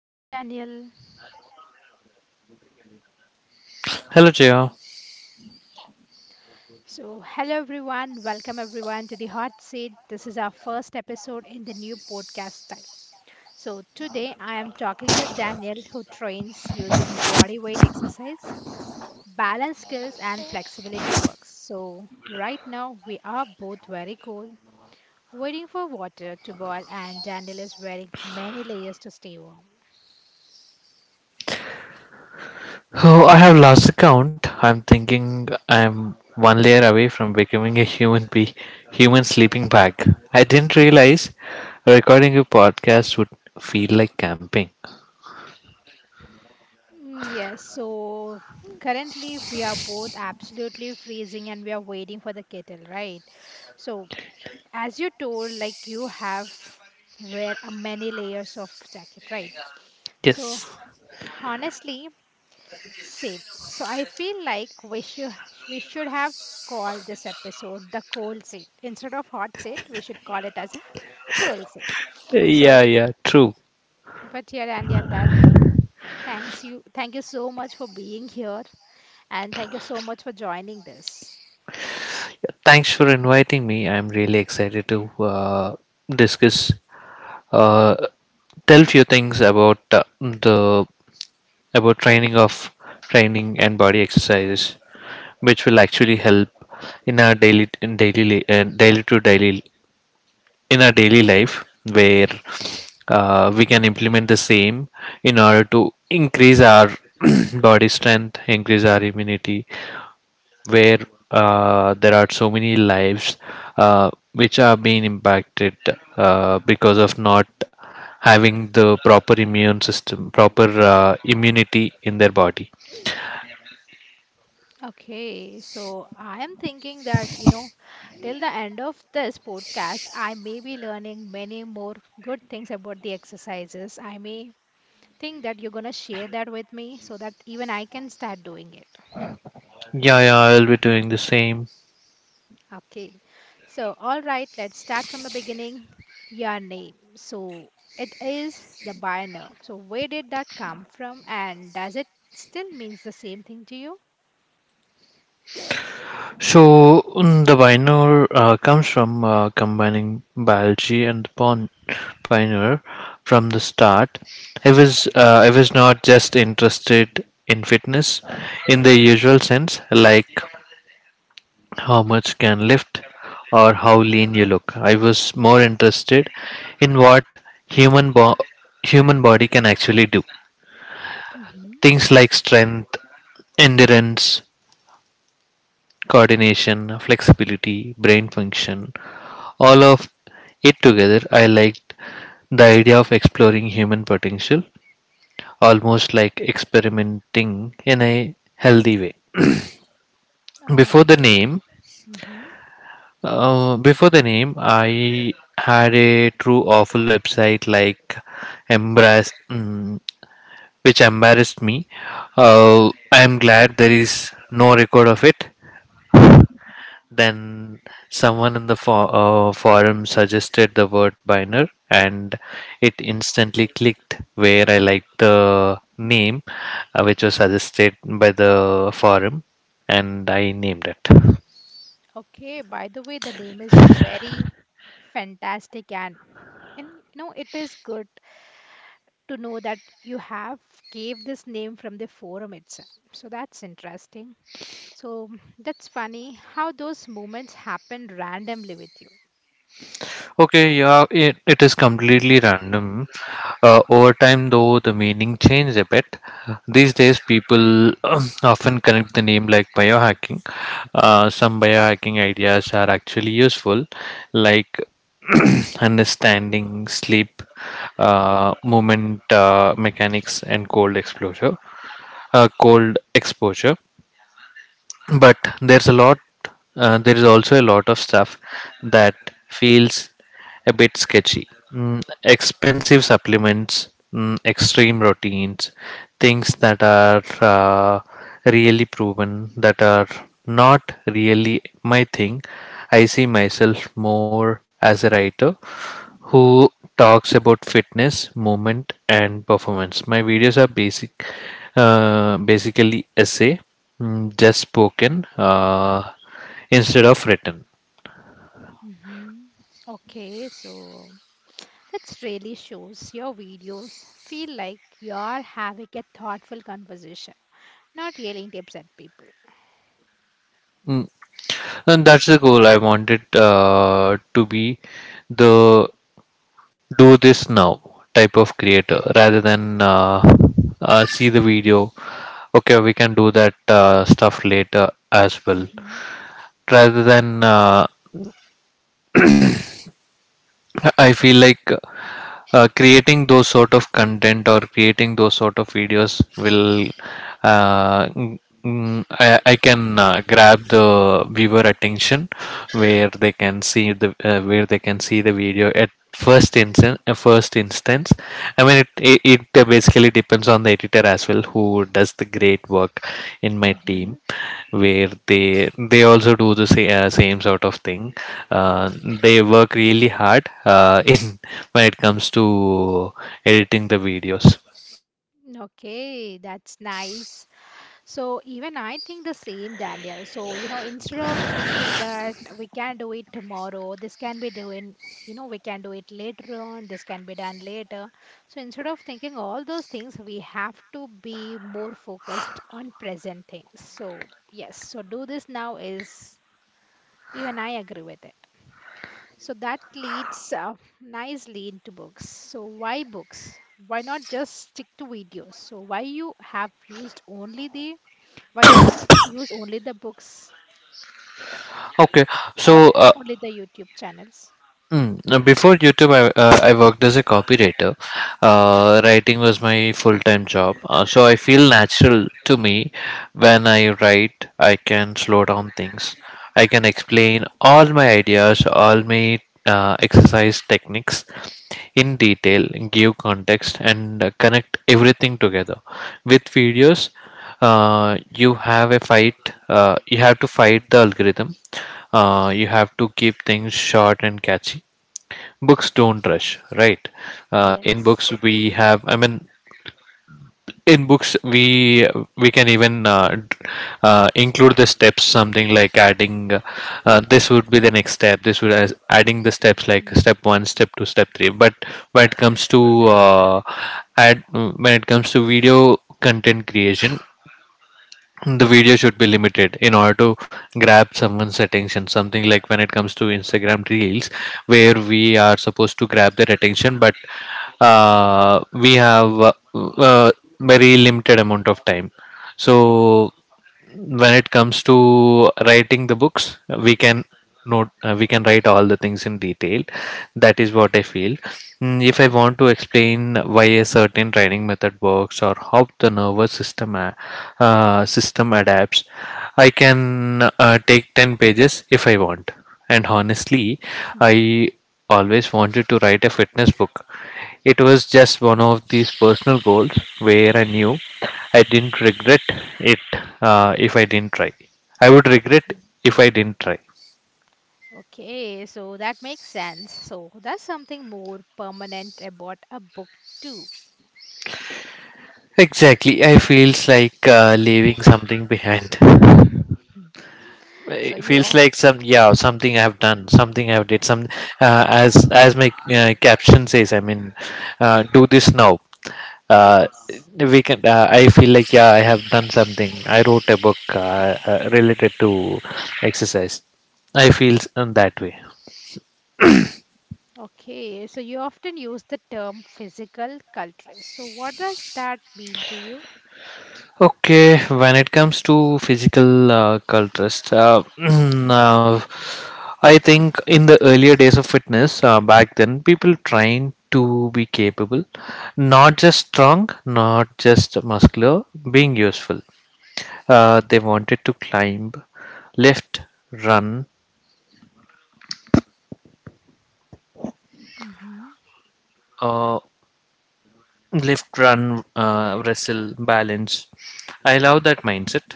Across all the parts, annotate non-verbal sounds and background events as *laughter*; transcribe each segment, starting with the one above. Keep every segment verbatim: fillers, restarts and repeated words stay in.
Hi, Daniel. Hello, J R. So, hello everyone. Welcome everyone to the Hot Seat. This is our first episode in the new podcast style. So, today I am talking with Daniel, who trains using body weight exercise, balance skills, and flexibility works. So, right now we are both very cold, waiting for water to boil, and Daniel is wearing many layers to stay warm. Oh, I have lost the count. I'm thinking I'm one layer away from becoming a human be human sleeping bag. I didn't realize recording a podcast would feel like camping. Mm, yes, so currently we are both absolutely freezing and we are waiting for the kettle, right? So as you told, like you have wear a many layers of jacket, right? So Yes. honestly, same. So I feel like we should we should have called this episode the cold seat instead of hot seat. We should call it as a cool seat. So, Yeah, yeah, true. but yeah, Daniel, that thanks you. Thank you so much for being here, and thank you so much for joining this. Thanks for inviting me. I'm really excited to uh, discuss, uh, tell few things about uh, the about training of training and body exercises, which will actually help in our daily in daily li- uh, daily to daily in our daily life where uh, we can implement the same in order to increase our *clears throat* body strength, increase our immunity, where uh, there are so many lives uh, which are being impacted uh, because of not having the proper immune system, proper uh, immunity in their body. Okay, so I am thinking that, you know, till the end of this podcast, I may be learning many more good things about the exercises. I may think that you're going to share that with me so that even I can start doing it. Yeah, yeah, I will be doing the same. Okay, so all right, let's start from the beginning. Your name. So it is the binary. So where did that come from and does it still means the same thing to you? So mm, the Vinor uh, comes from uh, combining biology and the pon- pioneer from the start. I was uh, I was not just interested in fitness in the usual sense, like how much can lift or how lean you look. I was more interested in what human bo- human body can actually do. Mm-hmm. Things like strength, endurance, coordination, flexibility, brain function, all of it together, I liked the idea of exploring human potential, almost like experimenting in a healthy way. Before the Okay. name, Mm-hmm. Uh, before the name, I had a true awful website like embarrassed, mm, which embarrassed me. Uh, I am glad there is no record of it. Then someone in the for, uh, forum suggested the word Biner, and it instantly clicked where I liked the name, uh, which was suggested by the forum, and I named it. Okay, by the way, the name is very fantastic and and you know it is good to know that you have gave this name from the forum itself. So that's interesting. So that's funny how those moments happen randomly with you. Okay, yeah, it, it is completely random. Uh, over time, though, the meaning changed a bit. These days, people *clears throat* often connect the name like biohacking. Uh, some biohacking ideas are actually useful, like *clears throat* understanding sleep, uh, movement uh, mechanics, and cold exposure. Uh, cold exposure but there's a lot uh, There is also a lot of stuff that feels a bit sketchy, mm, expensive supplements, mm, extreme routines, things that are uh, really proven, that are not really my thing. I see myself more as a writer who talks about fitness, movement and performance. My videos are basic uh, basically essay, Mm, just spoken, uh, instead of written. Hmm. Okay, so that's really shows your videos feel like you're having a thoughtful conversation, not yelling tips at people. Mm, And that's the goal. I wanted uh, to be the do this now type of creator rather than uh, uh, see the video. Okay, we can do that uh, stuff later as well. Hmm. Rather than uh, I feel like uh, creating those sort of content or creating those sort of videos will uh, mm, mm, I, I can uh, grab the viewer attention where they can see the uh, where they can see the video at first instance uh, first instance. I mean, it, it it basically depends on the editor as well, who does the great work in my Hmm. team, where they they also do the same, uh, same sort of thing. uh, they work really hard uh, *laughs* in when it comes to editing the videos. Okay, that's nice. So even I think the same, Daniel. So, you know, instead of thinking that we can do it tomorrow, this can be doing, you know, we can do it later on, this can be done later. So instead of thinking all those things, we have to be more focused on present things. So yes, so do this now is even I agree with it. So that leads uh, nicely into books. So why books? Why not just stick to videos? So why you have used only the why you don't use only the books okay or so uh, only the YouTube channels? Mm. Now, before YouTube, I, uh, I worked as a copywriter. Uh, hmm. Writing was my full time job. Uh, so I feel natural to me. When I write, I can slow down things. I can explain all my ideas, all my uh, exercise techniques in detail, give context, and uh, connect everything together. With videos, uh, you have a fight uh, you have to fight the algorithm. Uh, you have to keep things short and catchy. Books don't rush, right? uh, in books Yes. we have i mean in books, we we can even uh, d- uh, include the steps, something like adding uh, uh, this would be the next step. This would as adding the steps like Hmm. step one, step two, step three. But when it comes to uh, add when it comes to video content creation, the video should be limited in order to grab someone's attention, something like when it comes to Instagram reels, where we are supposed to grab their attention, but uh, we have uh, uh, very limited amount of time. So when it comes to writing the books, we can note uh, we can write all the things in detail. That is what I feel. Mm, if I want to explain why a certain training method works or how the nervous system a- uh, system adapts, I can uh, take ten pages if I want. And honestly, I always wanted to write a fitness book. It was just one of these personal goals where I knew I didn't regret it uh, if I didn't try. I would regret Hmm. if I didn't try. Okay, so that makes sense. So that's something more permanent about a book too. Exactly. I feels like uh, leaving something behind. *laughs* So It you feels of like some yeah something I have done something I have did some uh, as as my uh, caption says. I mean uh, do this now. Uh, yes. we can uh, I feel like, yeah, I have done something. I wrote a book uh, uh, related to exercise. I feel in that way. Okay, so you often use the term physical culture. So what does that mean to you? Okay, when it comes to physical uh, culturist, uh, *clears throat* I think in the earlier days of fitness, uh, back then, people trying to be capable, not just strong, not just muscular, being useful. Uh, they wanted to climb, lift, run, Mm-hmm. uh, lift, run, uh, wrestle, balance. I love that mindset.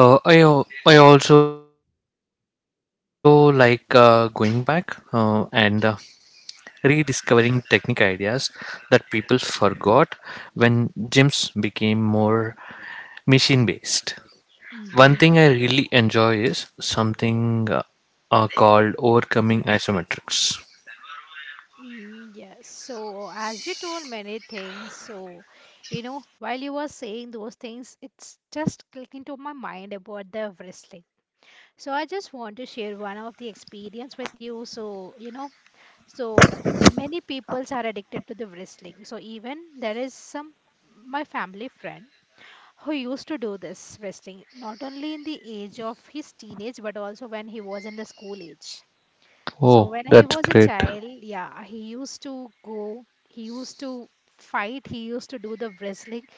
Uh, I al- I also like uh, going back uh, and uh, rediscovering technique ideas that people forgot when gyms became more machine based. One thing I Mm-hmm. really enjoy is something uh, uh, called overcoming isometrics. Mm, yes, so as you told many things, so you know, while you were saying those things, it's just clicking to my mind about the wrestling. So I just want to share one of the experience with you. So, you know, so many peoples are addicted to the wrestling. So even there is some my family friend who used to do this wrestling, not only in the age of his teenage, but also when he was in the school age. So Oh, when he that's was a great. child, yeah, he used to go, he used to fight, he used to do the wrestling,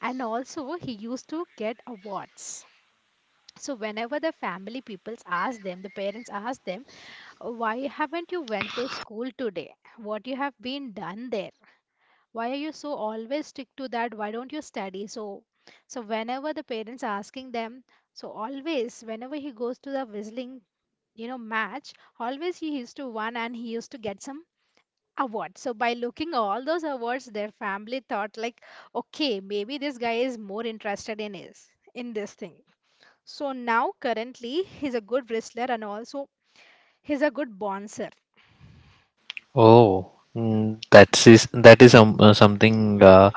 and also he used to get awards. So whenever the family peoples ask them, the parents ask them, why haven't you went to school today? What you have been done there? Why are you so always stick to that? Why don't you study? So, so whenever the parents asking them, so always whenever he goes to the wrestling, you know, match, always he used to win and he used to get some award. So by looking all those awards, their family thought like, okay, maybe this guy is more interested in his in this thing. So now currently he's a good wrestler and also he's a good bouncer. Oh, mm, that is that is um, uh, something uh,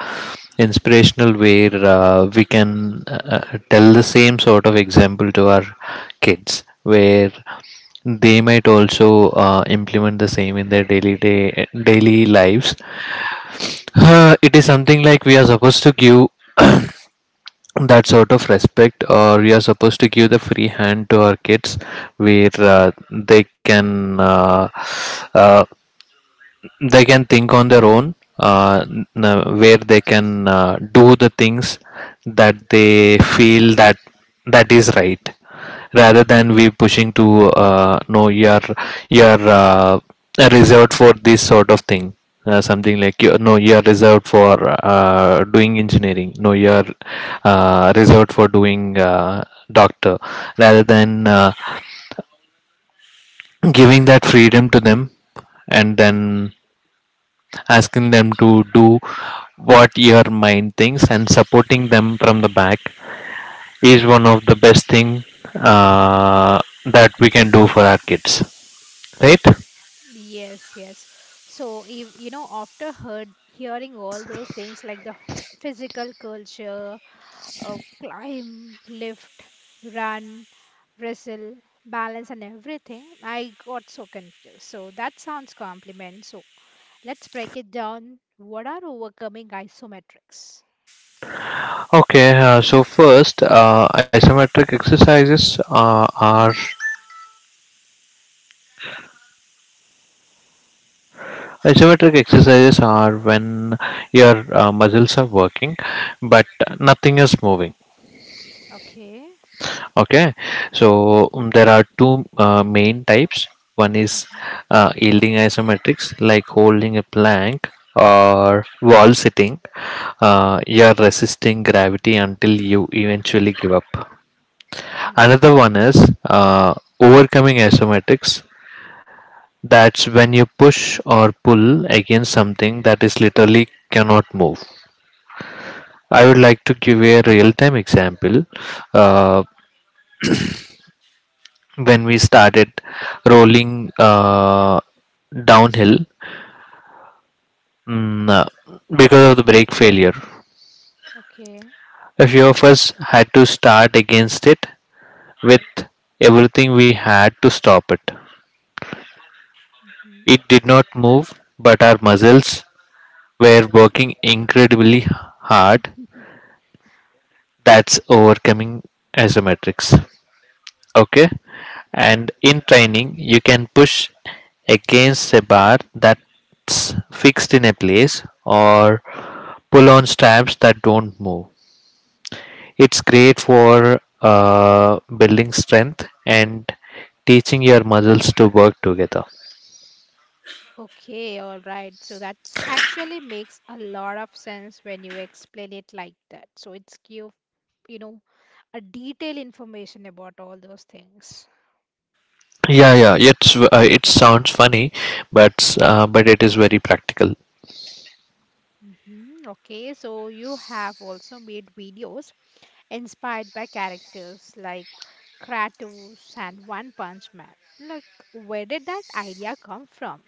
inspirational, where uh, we can uh, uh, tell the same sort of example to our kids, where they might also uh, implement the same in their daily day daily lives. Uh, it is something like we are supposed to give *coughs* *clears throat* that sort of respect, or we are supposed to give the free hand to our kids, where uh, they can. Uh, uh, they can think on their own uh, n- uh, where they can uh, do the things that they feel that that is right, rather than we pushing to uh, no you're you're uh, reserved for this sort of thing, uh, something like, you, no, you're reserved for uh, doing engineering, no, you're uh, reserved for doing uh, doctor, rather than uh, *clears throat* giving that freedom to them and then asking them to do what your mind thinks and supporting them from the back is one of the best thing uh, that we can do for our kids, right? Yes, yes. So if you know after heard hearing all those things like the physical culture, uh, climb, lift, run, wrestle, balance and everything, I got so confused. So that sounds compliment. So let's break it down. What are overcoming isometrics? Okay, uh, so first uh, isometric exercises uh, are isometric exercises are when your uh, muscles are working but nothing is moving. Okay. Okay, so um, there are two uh, main types. One is Mm-hmm. uh, yielding isometrics, like holding a plank or wall sitting. Uh, you're resisting gravity until you eventually give up. Another one is uh, overcoming isometrics. That's when you push or pull against something that is literally cannot move. I would like to give a real time example. Uh, when we started rolling uh, downhill mm, uh, because of the brake failure. Okay. A few of us had to start against it with everything we had to stop it. Mm-hmm. It did not move, but our muscles were working incredibly hard. That's overcoming isometrics. Okay, and in training you can push against a bar that's fixed in a place or pull on straps that don't move. It's great for uh, building strength and teaching your muscles to work together. Okay, all right. So that's actually makes a lot of sense when you explain it like that. So it's give, you know, a detailed information about all those things. Yeah, yeah, it's uh, it sounds funny, but uh, but it is very practical. Hmm. Okay, so you have also made videos inspired by characters like Kratos and One Punch Man. Like, where did that idea come from?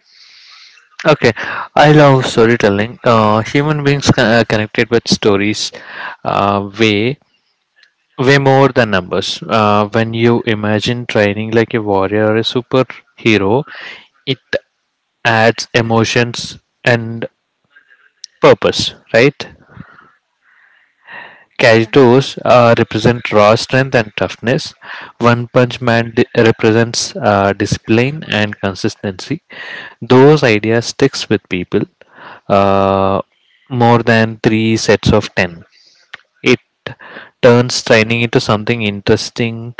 Okay, I love storytelling. uh, human beings con- uh, connected with stories uh, way way more than numbers. Uh, when you imagine training like a warrior or a superhero, it adds emotions and purpose, right? Yeah. Kaitos uh, represent raw strength and toughness. One Punch Man di- represents uh, discipline and consistency. Those ideas sticks with people uh, more than three sets of ten. It turns training into something interesting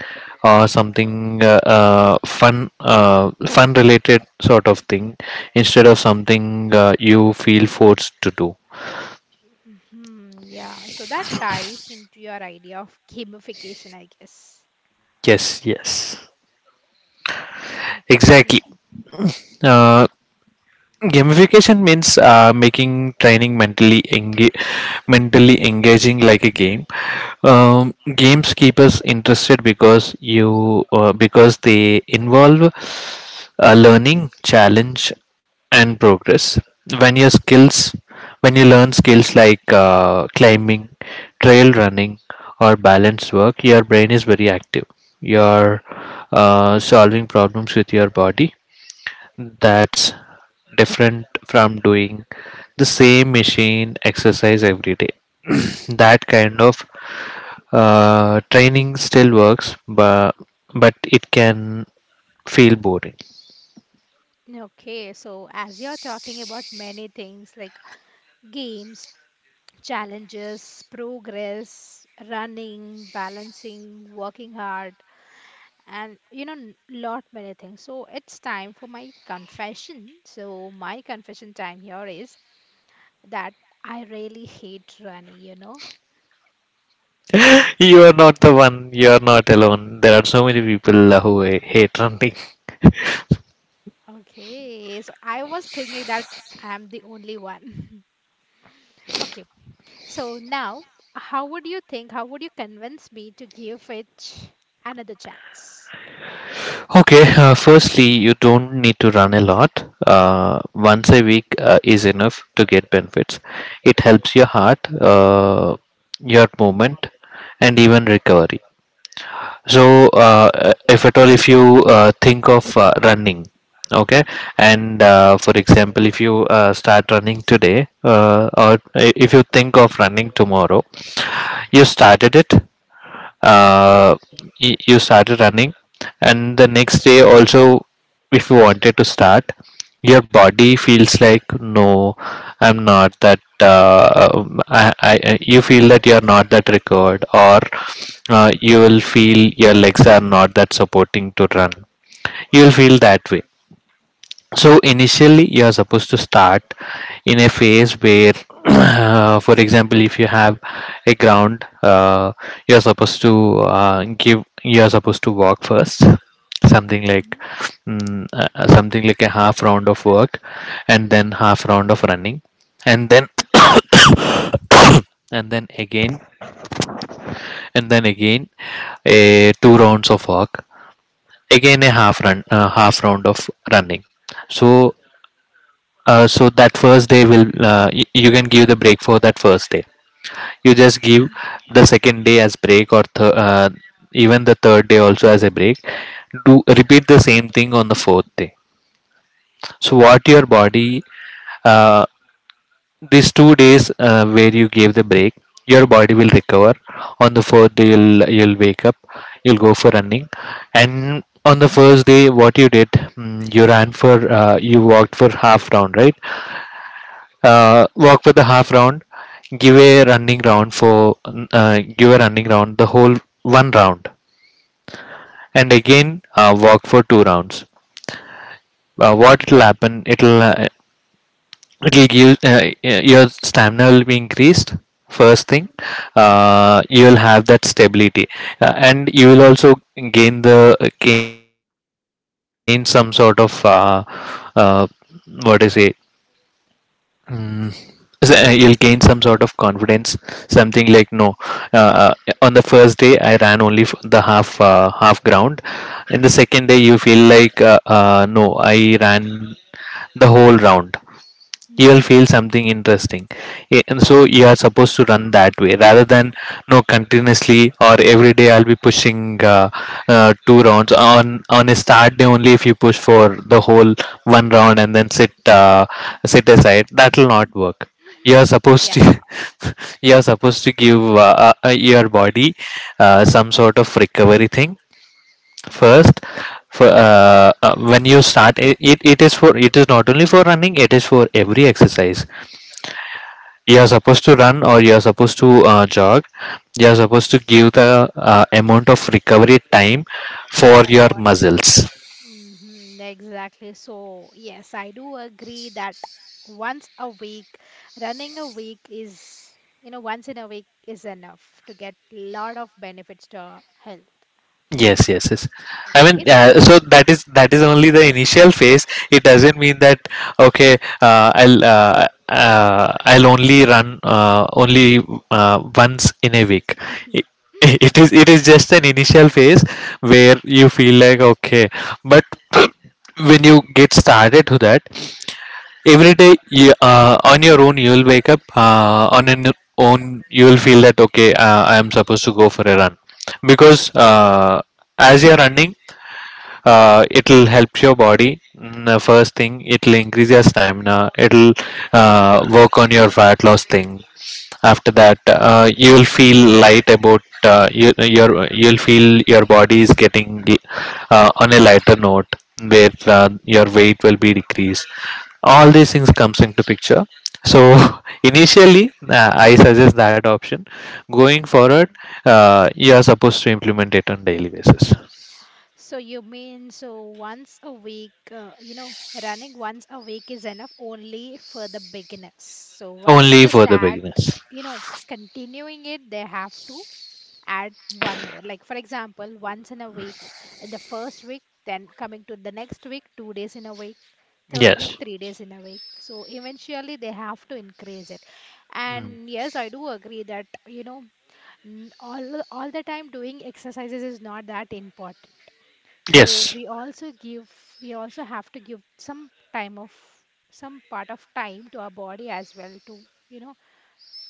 or something uh, uh, fun uh, fun related sort of thing, instead of something uh, you feel forced to do. Hmm. Yeah. So that ties into your idea of gamification, I guess. Yes, yes, exactly. Okay. uh, Gamification means uh, making training mentally enga- mentally engaging like a game. Um, games keep us interested because you uh, because they involve uh, learning, challenge and progress. when your skills when you learn skills like uh, climbing, trail running or balance work, your brain is very active. You're uh, solving problems with your body. That's different from doing the same machine exercise every day. That kind of uh, training still works, but but it can feel boring. Okay, so as you're talking about many things like games, challenges, progress, running, balancing, working hard, and you know, n- lot many things. So it's time for my confession. So my confession time here is that I really hate running, you know. *laughs* You are not the one. You are not alone. There are so many people who hate running. Okay, so I was thinking that I'm the only one. *laughs* Okay, so now how would you think, how would you convince me to give it another chance? Okay, uh, firstly, you don't need to run a lot. Uh, Mm-hmm, Once a week uh, is enough to get benefits. It helps your heart, uh, your movement, and even recovery. So uh, if at all, if you uh, think of uh, running, okay. And uh, for example, if you uh, start running today, uh, or if you think of running tomorrow, you started it. mm-hmm, uh, y- you started running, and the next day also, if you wanted to start, your body feels like, no, I'm not that uh, um, I, I I- you feel that you're not that recovered, or uh, you will feel your legs are not that supporting to run. You'll feel that way. So initially, you are supposed to start in a phase where *clears throat* uh, for example, if you have a ground, uh, you are supposed to uh, give you are supposed to walk first, something like mm, uh, uh, something like a half round of work, and then half round of running, and then *clears throat* and then again, and then again, a two rounds of walk, again a half run, uh, half round of running. So Uh, so that first day will, uh, y- you can give the break for that first day. You just give hmm, the second day as break, or th- uh, even the third day also as a break. Do repeat the same thing on the fourth day. So what your body, uh, these two days uh, where you gave the break, your body will recover. On the fourth day, you'll you'll wake up, you'll go for running. And on the first day, what you did, mm, you ran for, uh, you walked for half round, right? Uh, walk for the half round, give a running round for, uh, give a running round the whole one round, and again, uh, walk for two rounds. Uh, what it'll happen, it'll, uh, it'll give, uh, your stamina will be increased, first thing. Uh, you will have that stability, uh, and you will also gain the gain some sort of, uh, uh, what is it. Mm. So, uh, you'll gain some sort of confidence, something like no. Uh, uh, on the first day, I ran only f- the half, uh, half ground. In the second day, you feel like, uh, uh, no, I ran the whole round. You will hmm. feel something interesting. Eh, and so you are supposed to run that way, rather than no continuously or every day I'll be pushing uh, uh, two rounds on on a start day. Only if you push for the whole one round and then sit, uh, sit aside, that will not work. You are supposed Yeah. to *laughs* you are supposed to give, uh, uh, uh, your body uh, some sort of recovery thing Hmm. first. For, uh, uh, when you start it, it it is for it is not only for running, it is for every exercise. You are supposed to run, or you are supposed to uh, jog. You are supposed to give the uh, amount of recovery time For for our your body. muscles. Hmm. Exactly. So, yes, I do agree that once a week, running a week is, you know, once in a week is enough to get lot of benefits to our health. Yes, yes, yes. I mean, Okay, so uh, so that is that is only the initial phase. It doesn't mean that, okay, uh, I'll, uh, uh, I'll only run uh, only uh, once in a week. *laughs* It, *laughs* it is it is just an initial phase where you feel like, okay, but *clears throat* when you get started to that, every day you, uh, on your own you will wake up, uh, on your own you will feel that, okay, uh, I am supposed to go for a run, because, uh, as you are running, uh, it'll help your body. Mm, uh, first thing, it'll increase your stamina, it'll, uh, work on your fat loss thing. After that, uh, you will feel light about, uh, you, your, you'll feel your body is getting, uh, on a lighter note, where uh, your weight will be decreased. All these things comes into picture. So *laughs* initially, uh, I mm-hmm. suggest that option. Going forward, uh, you are supposed to implement it on daily basis. So you mean so once a week, uh, you know, running once a week is enough only for the beginners. So once Only they for the start, beginners. you know, continuing it, they have to add one more. Like for example, once in a week in the first week, then coming to the next week, two days in a week, third week, Yes. three days in a week. So eventually they have to increase it. And yes, I do agree that, you know, n- all all the time doing exercises is not that important so Yes. we also give, we also have to give some time of, some part of time to our body as well to, you know,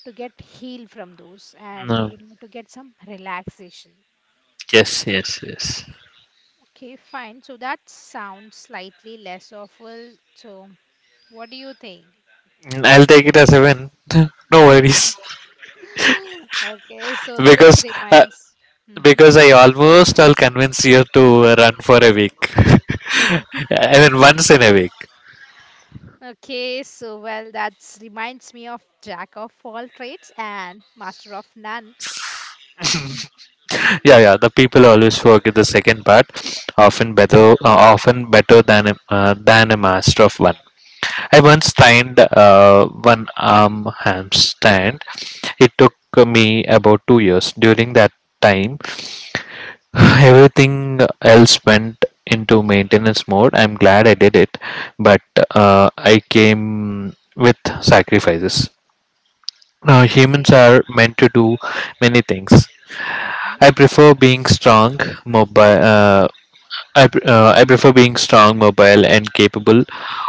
to get healed from those and, No. you know, to get some relaxation. Yes, yes, yes. Okay, fine. So that sounds slightly less awful. So what do you think? Mm, I'll take it as a win. *laughs* No worries. *laughs* *laughs* Okay, so this Because, uh, reminds. Hmm. because I almost, I'll convince you to run for a week. *laughs* I mean, once in a week. Okay, so well, that reminds me of jack of all trades and master of none. *laughs* Yeah, yeah. The people always forget the second part. Often better, uh, often better than a- uh, than a master of one. I once tried uh, one arm handstand. It took me about two years. During that time, *sighs* everything else went into maintenance mode. I'm glad I did it, but uh, I came with sacrifices. Now, humans Okay. are meant to do many things. Mhm. I prefer being strong, mobile, uh, I, pr- uh, I prefer being strong, mobile, and capable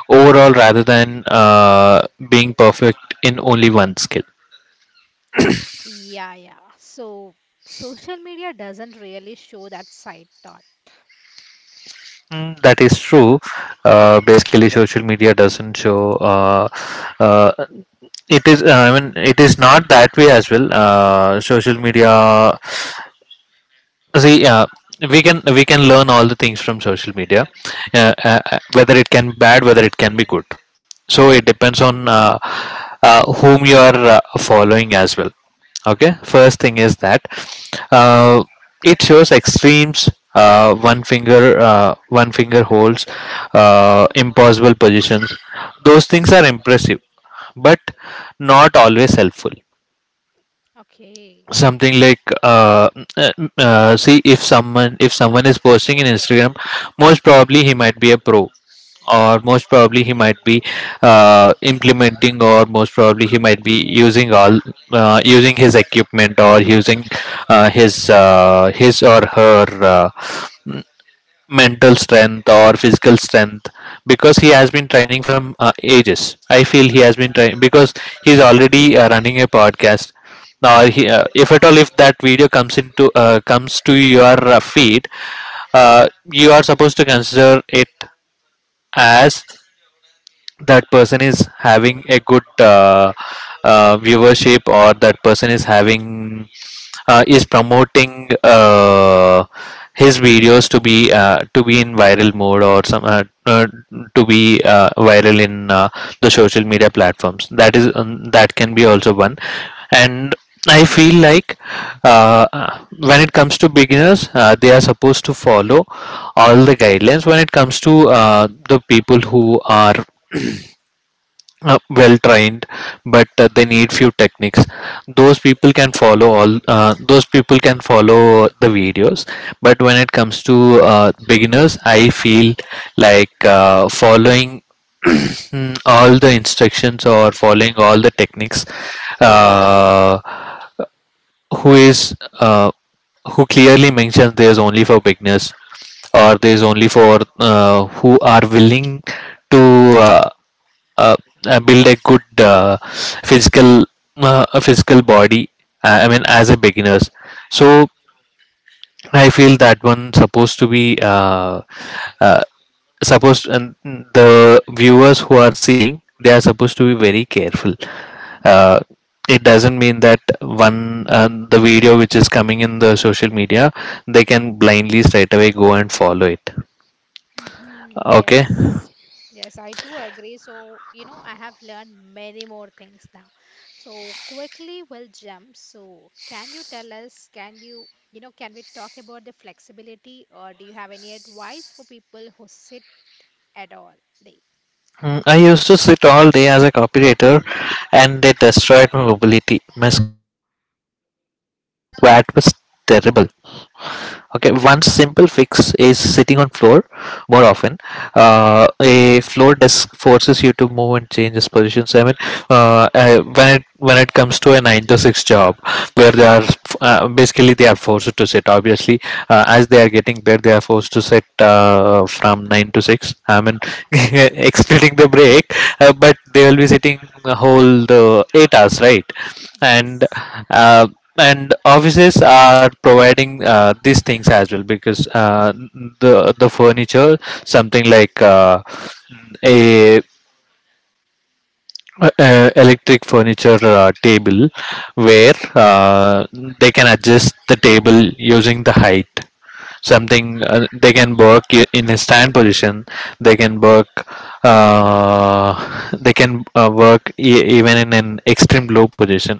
overall, rather than uh, being perfect in only one skill. Yeah, yeah. So social media doesn't really show that side thought. Mm, that is true. Uh, basically, social media doesn't show. Uh, uh, it is. Uh, I mean, it is not that way as well. Uh, social media, see, uh, we can we can learn all the things from social media, uh, uh, uh, whether it can be bad, whether it can be good. So it Mm, depends on, uh, uh, whom you are uh, following as well. Okay, first thing is that uh, it shows extremes. Uh, one finger, uh, one finger holds, uh, impossible positions. Those things are impressive, but not always helpful, okay. something like, uh, uh, uh, see, if someone, if someone is posting in Instagram, most probably he might be a pro, or most probably he might be uh, implementing, or most probably he might be using all uh, using his equipment, or using, uh, his uh, his or her, uh, mental strength or physical strength, because he has been training from uh, ages. I feel he has been training, because he's already uh, running a podcast. Now he, uh, if at all, if that video comes into, uh, comes to your uh, feed, uh, you are supposed to consider it as, that person is having a good, uh, uh, viewership, or that person is having, uh, is promoting uh, his videos to be, uh, to be in viral mode, or some, uh, uh, to be uh, viral in uh, the social media platforms. That is um, that can be also one. And I feel like, uh, when it comes to beginners, uh, they are supposed to follow all the guidelines. When it comes to uh, the people who are uh, well trained, but uh, they need few techniques, those people can follow all, uh, those people can follow the videos. But when it comes to uh, beginners, I feel like uh, following *clears throat* all the instructions, or following all the techniques uh, who is, uh, who clearly mentions there's only for beginners, or there's only for uh, who are willing to, uh, uh, uh, build a good, uh, physical, uh, a physical body, uh, I mean, as a beginners. So I feel that one supposed to be, uh, uh, supposed, and the viewers who are seeing, they are supposed to be very careful. uh, it doesn't mean that one, uh, the video which is coming in the social media, they can blindly straight away go and follow it. Hmm. Okay. Yes. Yes, I do agree. So, you know, I have learned many more things now. So, quickly we'll jump. So, can you tell us, can you, you know, can we talk about the flexibility or do you have any advice for people who sit at all day? Mm, I used to sit all day as a copywriter, and they destroyed my mobility. My squat was terrible. Okay, one simple fix is Hmm. sitting on floor more often. Uh, a floor desk forces you to move and change its positions. I mean, uh, uh, when it when it comes to a nine to six job, where they are, uh, basically they are forced to sit. Obviously, uh, as they are getting there, they are forced to sit uh, from nine to six. I mean, *laughs* excluding the break, uh, but they will be sitting the whole the eight hours, right? And, Yes. uh, and offices are providing uh, these things as well, because uh, the the furniture something like, uh, a, uh, uh, electric furniture uh, table, where uh, they can adjust the table using the height, something, uh, they can work i- in a stand position, they can work, uh, they can uh, work e- even in an extreme low position.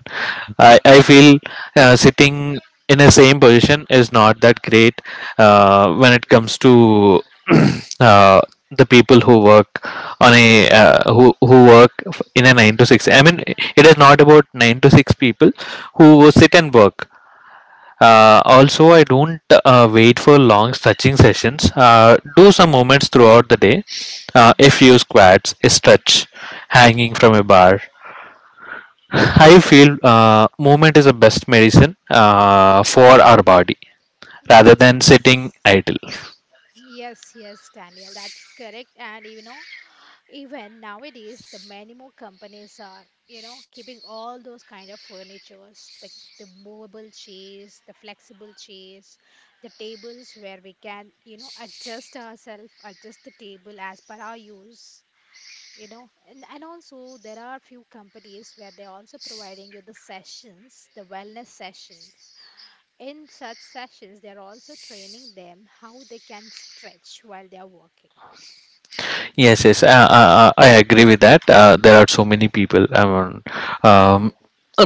i, I feel, uh, sitting in the same position is not that great, uh, when it comes to *clears throat* uh, the people who work on a, uh, who who work f- in a nine to six. I mean, it is not about nine to six people who sit and work. Uh, also, I don't uh, wait for long stretching sessions. Uh, do some movements throughout the day, uh, Hmm. a few squats, a stretch, hanging from a bar. *laughs* I feel, uh, movement is the best medicine uh, for our body, rather than sitting Yes. idle. Yes, yes, Daniel, that's correct. And you know, even nowadays, the many more companies are, you know, keeping all those kind of furnitures, the the movable chairs, the flexible chairs, the tables where we can, you know, adjust ourselves, adjust the table as per our use, you know. And and also there are few companies where they're also providing you the sessions, the wellness sessions in such sessions, they are also training them how they can stretch while they are working. Yes, yes, uh, uh, uh, I agree with that. Uh, there are so many people. I mean, um,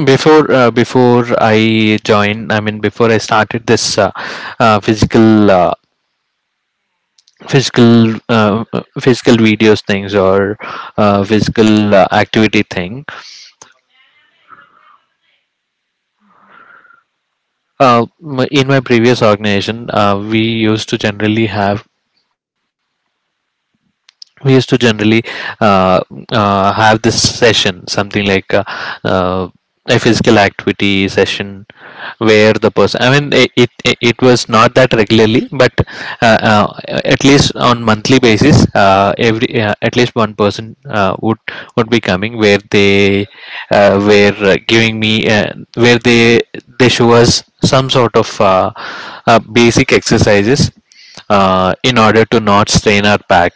before, uh, before I joined, I mean, before I started this, uh, uh, physical, uh, physical, uh, uh, physical videos things, or uh, physical uh, activity thing. Uh, m- in my previous organization, uh, we used to generally have we used to generally uh, uh, have this session, something like, uh, uh, a physical activity session, where the person, I mean it it, it was not that regularly, but, uh, uh, at least on monthly basis, uh, every, uh, at least one person uh, would would be coming, where they, uh, were uh, giving me, uh, where they they show us some sort of, uh, uh, basic exercises uh, in order to not strain our back.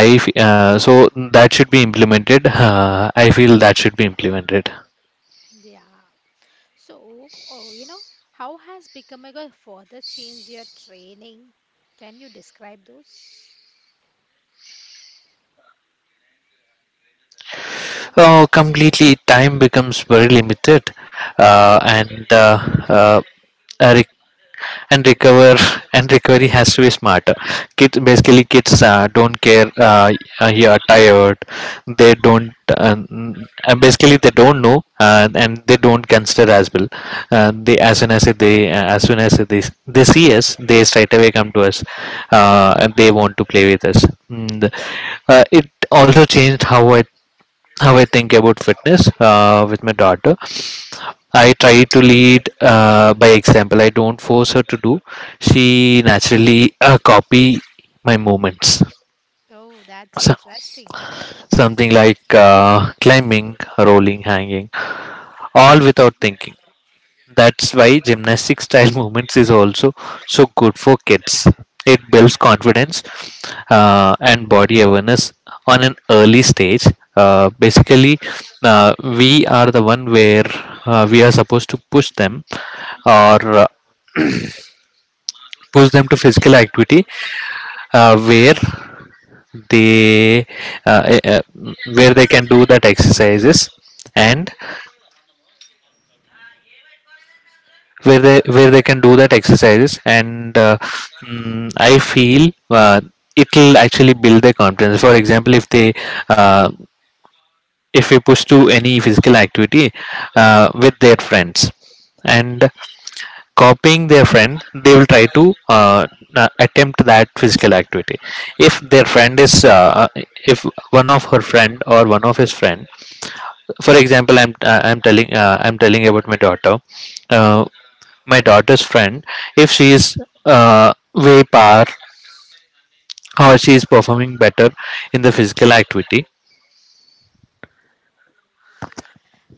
I f- uh, So that should be implemented. Uh, I feel that should be implemented. Yeah. So, oh, you know, how has Bikamaga further changed your training? Can you describe those? Oh, completely. Time becomes very limited, uh, and uh, uh, a re- and recover *laughs* and recovery has to be smarter. Kids, basically kids uh, don't care. Uh, uh, you are tired. They don't. Uh, mm, uh, basically, they don't know, uh, and they don't consider as well. Uh, they, as soon as they, uh, as soon as they they see us, they straight away come to us, uh, and they want to play with us. Mm, the- uh, it also changed how I how I think about fitness uh, with my daughter. Mhm. I try to lead uh, by example. I don't force her to do. She naturally uh, copy my movements. Oh, that's So, interesting. something like, uh, climbing, rolling, hanging, all without thinking. That's why gymnastic style *laughs* movements is also so good for kids. It builds confidence uh, and body awareness on an early stage. Uh, basically, uh, we are the one where, uh, we are supposed to push them, or, uh, *clears throat* push them to physical activity, uh, where they, uh, uh, where they can do that exercises, and where they where they can do that exercises. And, uh, mm, I feel uh, it'll actually build their confidence. For example, if they, uh, if we push to any physical activity uh, with their friends, and copying their friend, they will try to, uh, uh, attempt that physical activity. If their friend is, uh, uh, if one of her friend, or one of his friend, for example, i'm uh, i'm telling uh, I'm telling about my daughter, uh, my daughter's friend, if she is, uh, way par, or she is performing better in the physical activity.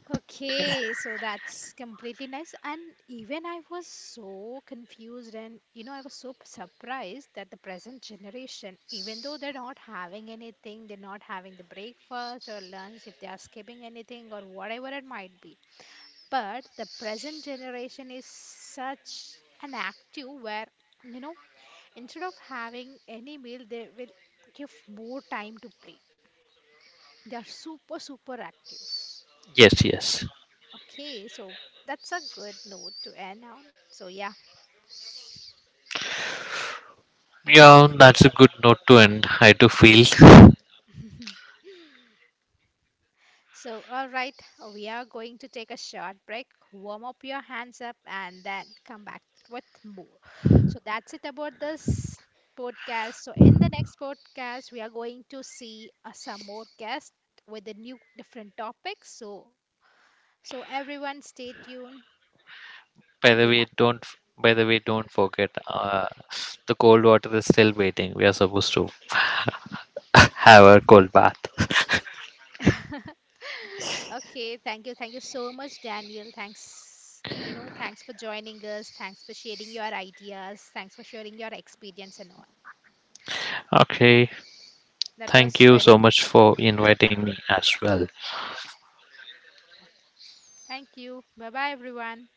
Okay, so that's completely nice. And even I was so confused and, you know, I was so p- surprised that the present generation, even though they're not having anything, they're not having the breakfast or lunch, if they are skipping anything or whatever it might be. But the present generation is such an active where, you know, instead of having any meal, they will give more time to play. They are super, super active. Yes, yes. Okay, so that's a good note to end on. So, yeah. Yeah, that's a good note to end. I do feel. *laughs* So, all right, we are going to take a short break, warm up your hands up, and then come back with more. So, that's it about this podcast. So, in the next podcast, we are going to see uh, some more guests with the new different topics. So, so everyone stay tuned By and the be way, happy. don't. By the way, don't forget. Uh, the cold water is still waiting. We are supposed to *laughs* have a cold bath. *laughs* Okay, thank you. Thank you so much, Daniel. Thanks. You know, thanks for joining us. Thanks for sharing your ideas. Thanks for sharing your experience and all. *laughs* Okay. That Thank was you very so good much to for talk about. inviting me as well. Okay. Thank you. Bye bye, everyone.